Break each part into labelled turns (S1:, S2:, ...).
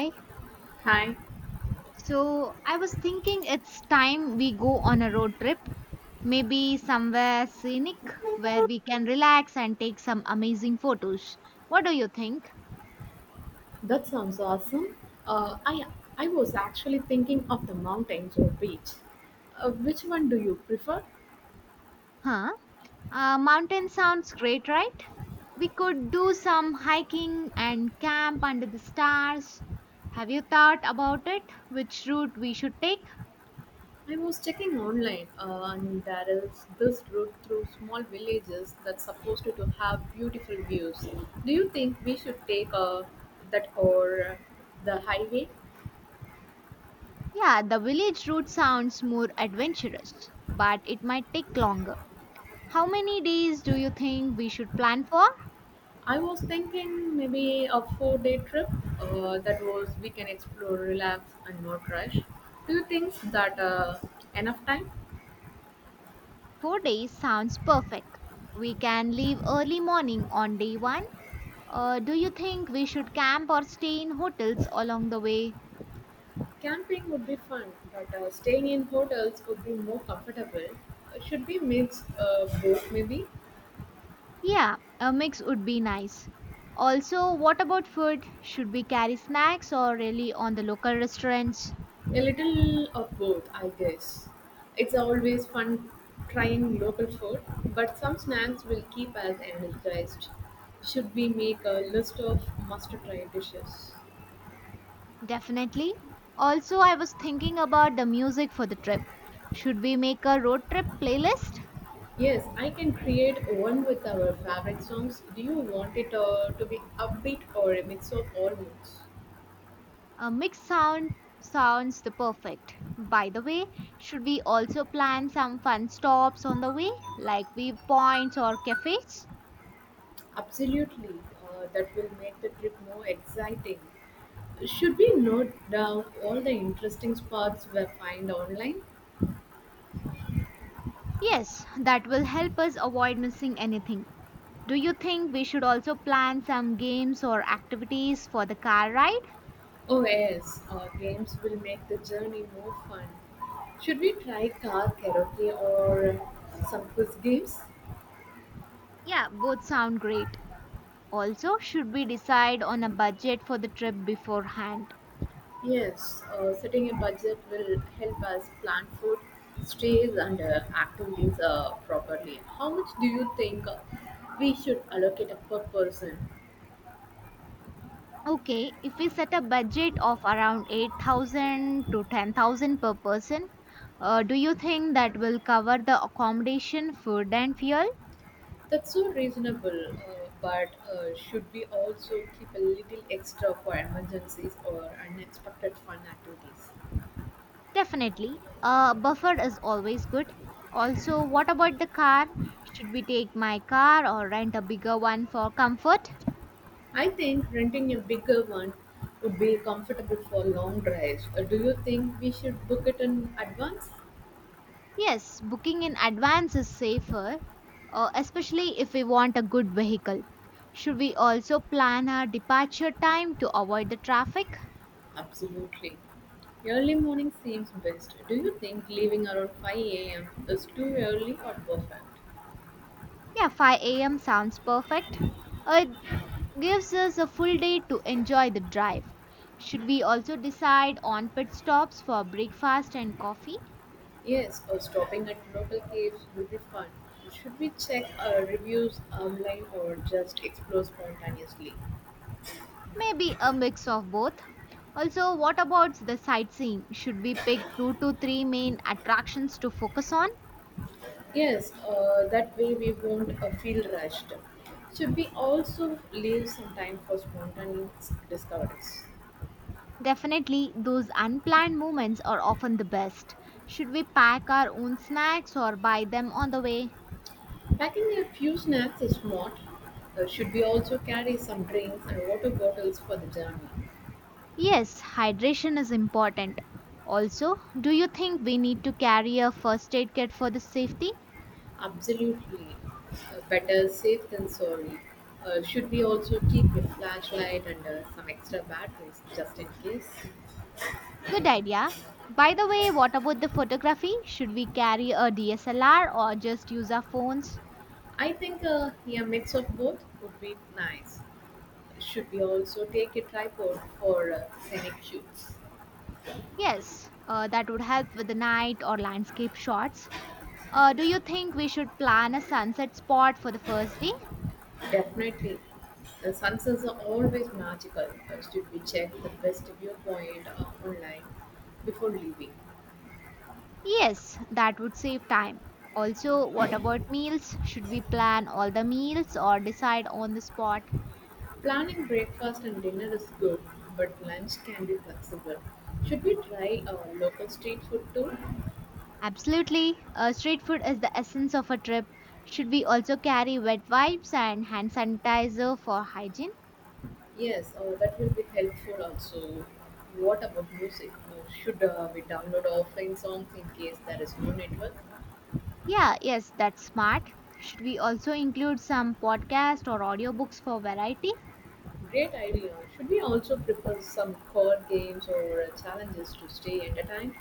S1: Hi.
S2: Hi.
S1: So I was thinking it's time we go on a road trip, maybe somewhere scenic where we can relax and take some amazing photos. What do you think?
S2: That sounds awesome. Uh, I I was actually thinking of the mountains or beach. Which one do you prefer?
S1: Huh? Mountain sounds great, right? We could do some hiking and camp under the stars. Have you thought about it? Which route we should take?
S2: I was checking online, and there is this route through small villages that's supposed to have beautiful views. Do you think we should take that or the highway?
S1: Yeah, the village route sounds more adventurous, but it might take longer. How many days do you think we should plan for?
S2: I was thinking maybe a 4-day trip. That was we can explore, relax, and not rush. Do you think that enough time?
S1: 4 days sounds perfect. We can leave early morning on day one. Do you think we should camp or stay in hotels along the way?
S2: Camping would be fun, but staying in hotels would be more comfortable. Should we mix both, maybe?
S1: Yeah, a mix would be nice. Also, what about food? Should we carry snacks or really on the local restaurants?
S2: A little of both, I guess. It's always fun trying local food, but some snacks will keep us energized. Should we make a list of must try dishes?
S1: Definitely. Also, I was thinking about the music for the trip. Should we make a road trip playlist?
S2: Yes, I can create one with our favorite songs. Do you want it to be upbeat or a mix of all moods?
S1: A mixed sound sounds the perfect. By the way, should we also plan some fun stops on the way, like viewpoints or cafes?
S2: Absolutely, that will make the trip more exciting. Should we note down all the interesting spots we find online?
S1: Yes, that will help us avoid missing anything. Do you think we should also plan some games or activities for the car ride?
S2: Oh, yes, games will make the journey more fun. Should we try car karaoke or some quiz games?
S1: Yeah, both sound great. Also, should we decide on a budget for the trip beforehand?
S2: Yes, setting a budget will help us plan food, stays, and activities properly. How much do you think we should allocate per person?
S1: Okay, if we set a budget of around 8,000 to 10,000 per person, do you think that will cover the accommodation, food, and fuel?
S2: That's so reasonable, but should we also keep a little extra for emergencies or unexpected fun activities?
S1: Definitely. A buffer is always good. Also, what about the car? Should we take my car or rent a bigger one for comfort?
S2: I think renting a bigger one would be comfortable for long drives. Do you think we should book it in advance?
S1: Yes, booking in advance is safer, especially if we want a good vehicle. Should we also plan our departure time to avoid the traffic?
S2: Absolutely. Early morning seems best. Do you think leaving around 5 a.m. is too early or perfect?
S1: Yeah, 5 a.m. sounds perfect. It gives us a full day to enjoy the drive. Should we also decide on pit stops for breakfast and coffee?
S2: Yes, or stopping at local caves would be fun. Should we check reviews online or just explore spontaneously?
S1: Maybe a mix of both. Also, what about the sightseeing? Should we pick two to three main attractions to focus on?
S2: Yes, that way we won't feel rushed. Should we also leave some time for spontaneous discoveries?
S1: Definitely, those unplanned moments are often the best. Should we pack our own snacks or buy them on the way?
S2: Packing a few snacks is smart. Should we also carry some drinks and water bottles for the journey?
S1: Yes, hydration is important. Also, do you think we need to carry a first aid kit for the safety?
S2: Absolutely. Better safe than sorry. Should we also keep a flashlight and some extra batteries just in case?
S1: Good idea. By the way, what about the photography? Should we carry a DSLR or just use our phones?
S2: I think a mix of both would be nice. Should we also take a tripod for scenic shoots?
S1: Yes, that would help with the night or landscape shots. Do you think we should plan a sunset spot for the first day?
S2: Definitely. The sunsets are always magical. Should we check the best viewpoint online before leaving?
S1: Yes, that would save time. Also, what about meals? Should we plan all the meals or decide on the spot?
S2: Planning breakfast and dinner is good, but lunch can be flexible. Should we try local street food too?
S1: Absolutely. Street food is the essence of a trip. Should we also carry wet wipes and hand sanitizer for hygiene?
S2: Yes, that will be helpful also. What about music? Should we download our offline songs in case there is no network?
S1: Yeah, yes, that's smart. Should we also include some podcast or audiobooks for variety?
S2: Great idea. Should we also prepare some core games or challenges to stay entertained?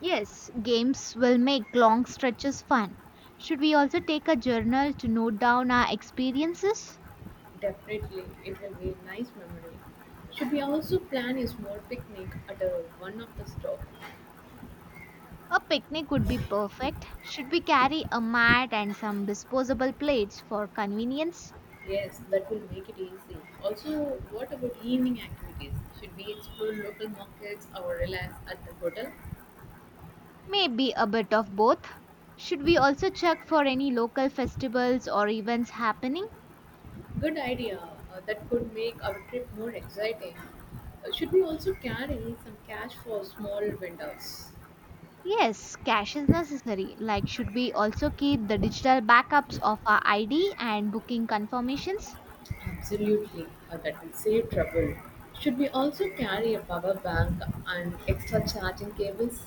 S1: Yes, games will make long stretches fun. Should we also take a journal to note down our experiences?
S2: Definitely, it will be a nice memory. Should we also plan a small picnic at one of the stops?
S1: A picnic would be perfect. Should we carry a mat and some disposable plates for convenience?
S2: Yes, that will make it easy. Also, what about evening activities? Should we explore local markets or relax at the hotel?
S1: Maybe a bit of both. Should we also check for any local festivals or events happening?
S2: Good idea. That could make our trip more exciting. Should we also carry some cash for small vendors?
S1: Yes, cash is necessary. Like, should we also keep the digital backups of our ID and booking confirmations?
S2: Absolutely. That will save trouble. Should we also carry a power bank and extra charging cables?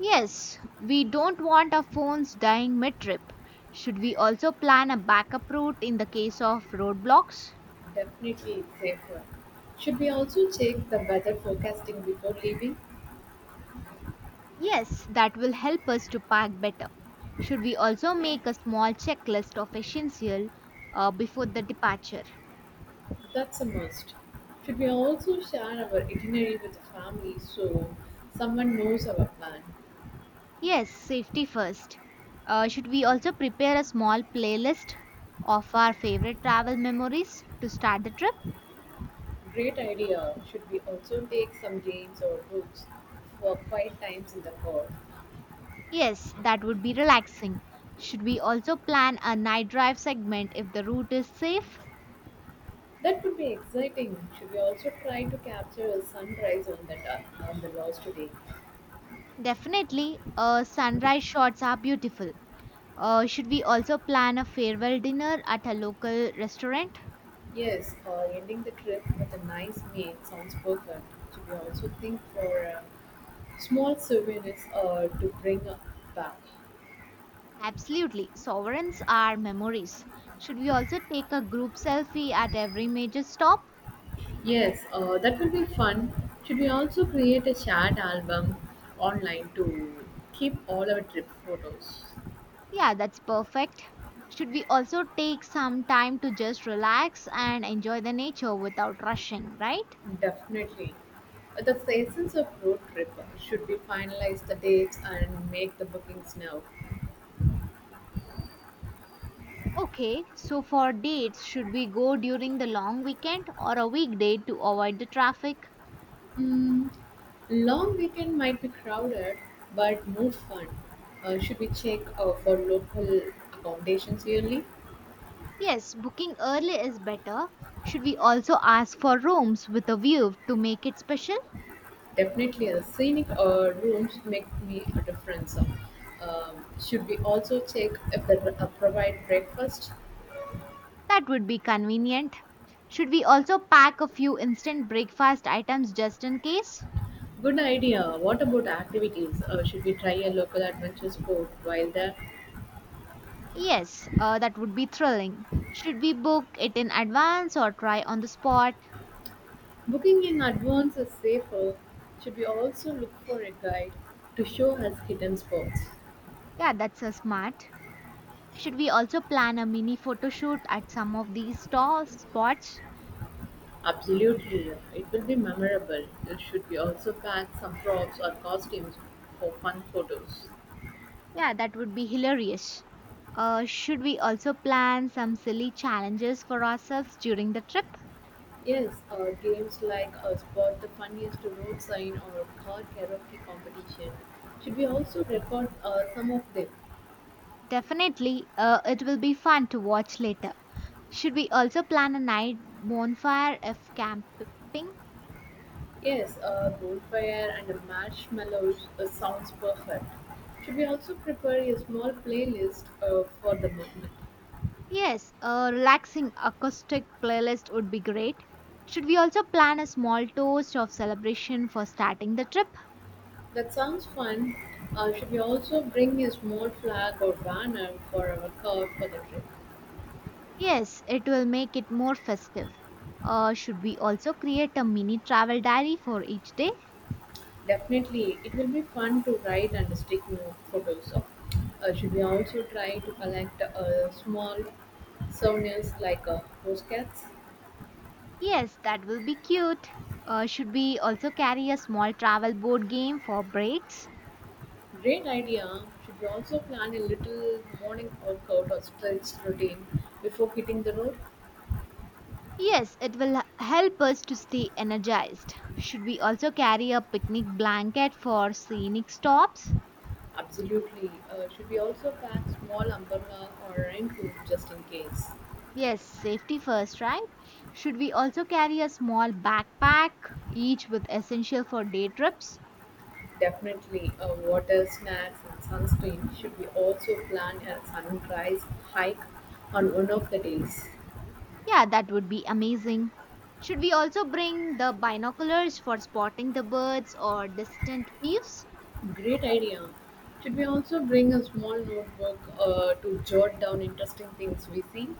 S1: Yes, we don't want our phones dying mid trip. Should we also plan a backup route in the case of roadblocks?
S2: Definitely it's safer. Should we also check the weather forecasting before leaving?
S1: Yes, that will help us to pack better. Should we also make a small checklist of essential before the departure?
S2: That's a must. Should we also share our itinerary with the family so someone knows our plan?
S1: Yes, safety first. Should we also prepare a small playlist of our favorite travel memories to start the trip?
S2: Great idea. Should we also take some games or books for quiet times in the car?
S1: Yes, that would be relaxing. Should we also plan a night drive segment if the route is safe?
S2: That would be exciting. Should we also try to capture a sunrise on the lost today?
S1: Definitely, sunrise shots are beautiful. Should we also plan a farewell dinner at a local restaurant?
S2: Yes, or ending the trip with a nice meal sounds perfect. Should we also think for small souvenirs or to bring back?
S1: Absolutely, sovereigns are memories. Should we also take a group selfie at every major stop?
S2: Yes, that will be fun. Should we also create a chat album online to keep all our trip photos?
S1: Yeah, that's perfect. Should we also take some time to just relax and enjoy the nature without rushing, right?
S2: Definitely. The seasons of road trip should be finalize the dates and make the bookings now.
S1: Okay, so for dates, should we go during the long weekend or a weekday to avoid the traffic?
S2: Mm, long weekend might be crowded, but more fun. Should we check for local accommodations yearly?
S1: Yes, booking early is better. Should we also ask for rooms with a view to make it special?
S2: Definitely, the scenic rooms make me a difference. Should we also check if they provide breakfast?
S1: That would be convenient. Should we also pack a few instant breakfast items just in case?
S2: Good idea. What about activities? Should we try a local adventure sport while there?
S1: Yes, that would be thrilling. Should we book it in advance or try on the spot?
S2: Booking in advance is safer. Should we also look for a guide to show us hidden spots?
S1: Yeah, that's a smart. Should we also plan a mini photo shoot at some of these stores, spots?
S2: Absolutely, it will be memorable. Should we also pack some props or costumes for fun photos?
S1: Yeah, that would be hilarious. Should we also plan some silly challenges for ourselves during the trip?
S2: Yes, or games like Spot the Funniest Road Sign or Car Karaoke Competition. Should we also record some of them?
S1: Definitely, it will be fun to watch later. Should we also plan a night bonfire if camping?
S2: Yes, a bonfire and a marshmallows sounds perfect. Should we also prepare a small playlist for the moment?
S1: Yes, a relaxing acoustic playlist would be great. Should we also plan a small toast of celebration for starting the trip?
S2: That sounds fun. Should we also bring a small flag or banner for our car for the trip?
S1: Yes, it will make it more festive. Should we also create a mini travel diary for each day?
S2: Definitely, it will be fun to write and stick note photos of. Should we also try to collect small souvenirs like postcards?
S1: Yes, that will be cute. Should we also carry a small travel board game for breaks?
S2: Great idea. Should we also plan a little morning workout or stretch routine before hitting the road?
S1: Yes, it will help us to stay energized. Should we also carry a picnic blanket for scenic stops?
S2: Absolutely. Should we also pack small umbrella or raincoat just in case?
S1: Yes, safety first, right? Should we also carry a small backpack, each with essential for day trips?
S2: Definitely, water, snacks, and sunscreen. Should we also plan a sunrise hike on one of the days?
S1: Yeah, that would be amazing. Should we also bring the binoculars for spotting the birds or distant waves?
S2: Great idea. Should we also bring a small notebook to jot down interesting things we see?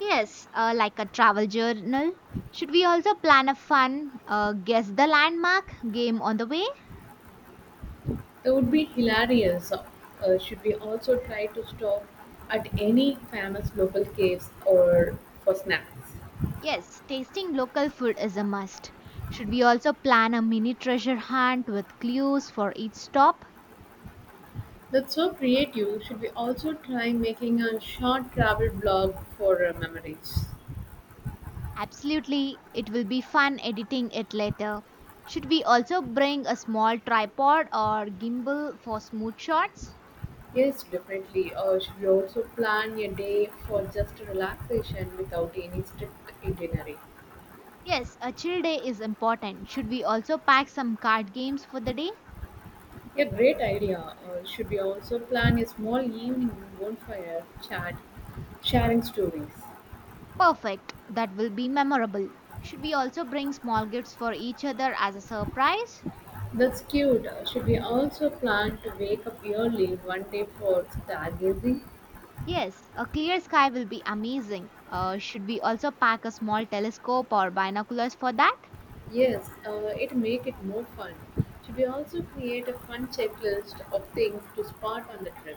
S1: Yes, like a travel journal. Should we also plan a fun guess the landmark game on the way?
S2: That would be hilarious. Should we also try to stop at any famous local caves or for snacks?
S1: Yes, tasting local food is a must. Should we also plan a mini treasure hunt with clues for each stop?
S2: That's so creative. Should we also try making a short travel blog for memories?
S1: Absolutely, it will be fun editing it later. Should we also bring a small tripod or gimbal for smooth shots?
S2: Yes, definitely. Should we also plan a day for just relaxation without any strict itinerary?
S1: Yes, a chill day is important. Should we also pack some card games for the day?
S2: A great idea. Should we also plan a small evening bonfire chat, sharing stories?
S1: Perfect, that will be memorable. Should we also bring small gifts for each other as a surprise?
S2: That's cute. Should we also plan to wake up early one day for stargazing?
S1: Yes, a clear sky will be amazing. Should we also pack a small telescope or binoculars for that?
S2: Yes, it make it more fun. Should we also create a fun checklist of things to spot on the trip?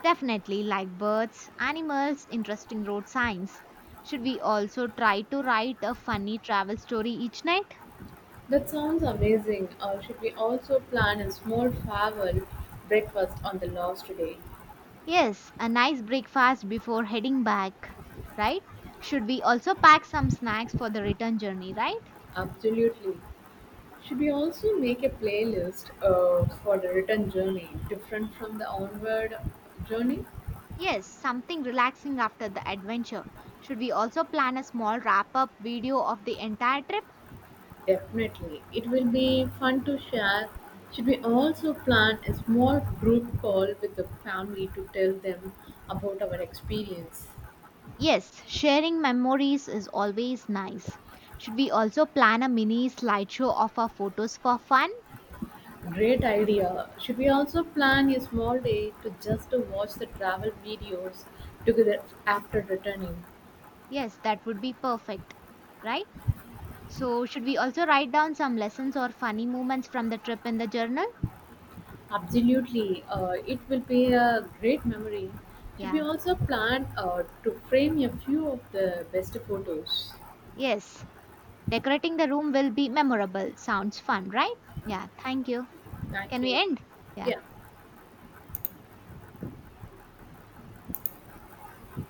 S1: Definitely, like birds, animals, interesting road signs. Should we also try to write a funny travel story each night?
S2: That sounds amazing. Should we also plan a small farewell breakfast on the last day?
S1: Yes, a nice breakfast before heading back, right? Should we also pack some snacks for the return journey, right?
S2: Absolutely. Should we also make a playlist for the return journey different from the onward journey?
S1: Yes, something relaxing after the adventure. Should we also plan a small wrap up video of the entire trip?
S2: Definitely. It will be fun to share. Should we also plan a small group call with the family to tell them about our experience?
S1: Yes, sharing memories is always nice. Should we also plan a mini slideshow of our photos for fun?
S2: Great idea. Should we also plan a small day to just to watch the travel videos together after returning?
S1: Yes, that would be perfect, right? So, should we also write down some lessons or funny moments from the trip in the journal?
S2: Absolutely, it will be a great memory. Should we
S1: Yeah.
S2: also plan to frame a few of the best photos?
S1: Yes. Decorating the room will be memorable. Sounds fun, right? Yeah. Thank you.
S2: Thank
S1: Can we
S2: you.
S1: end? Yeah.
S2: Yeah,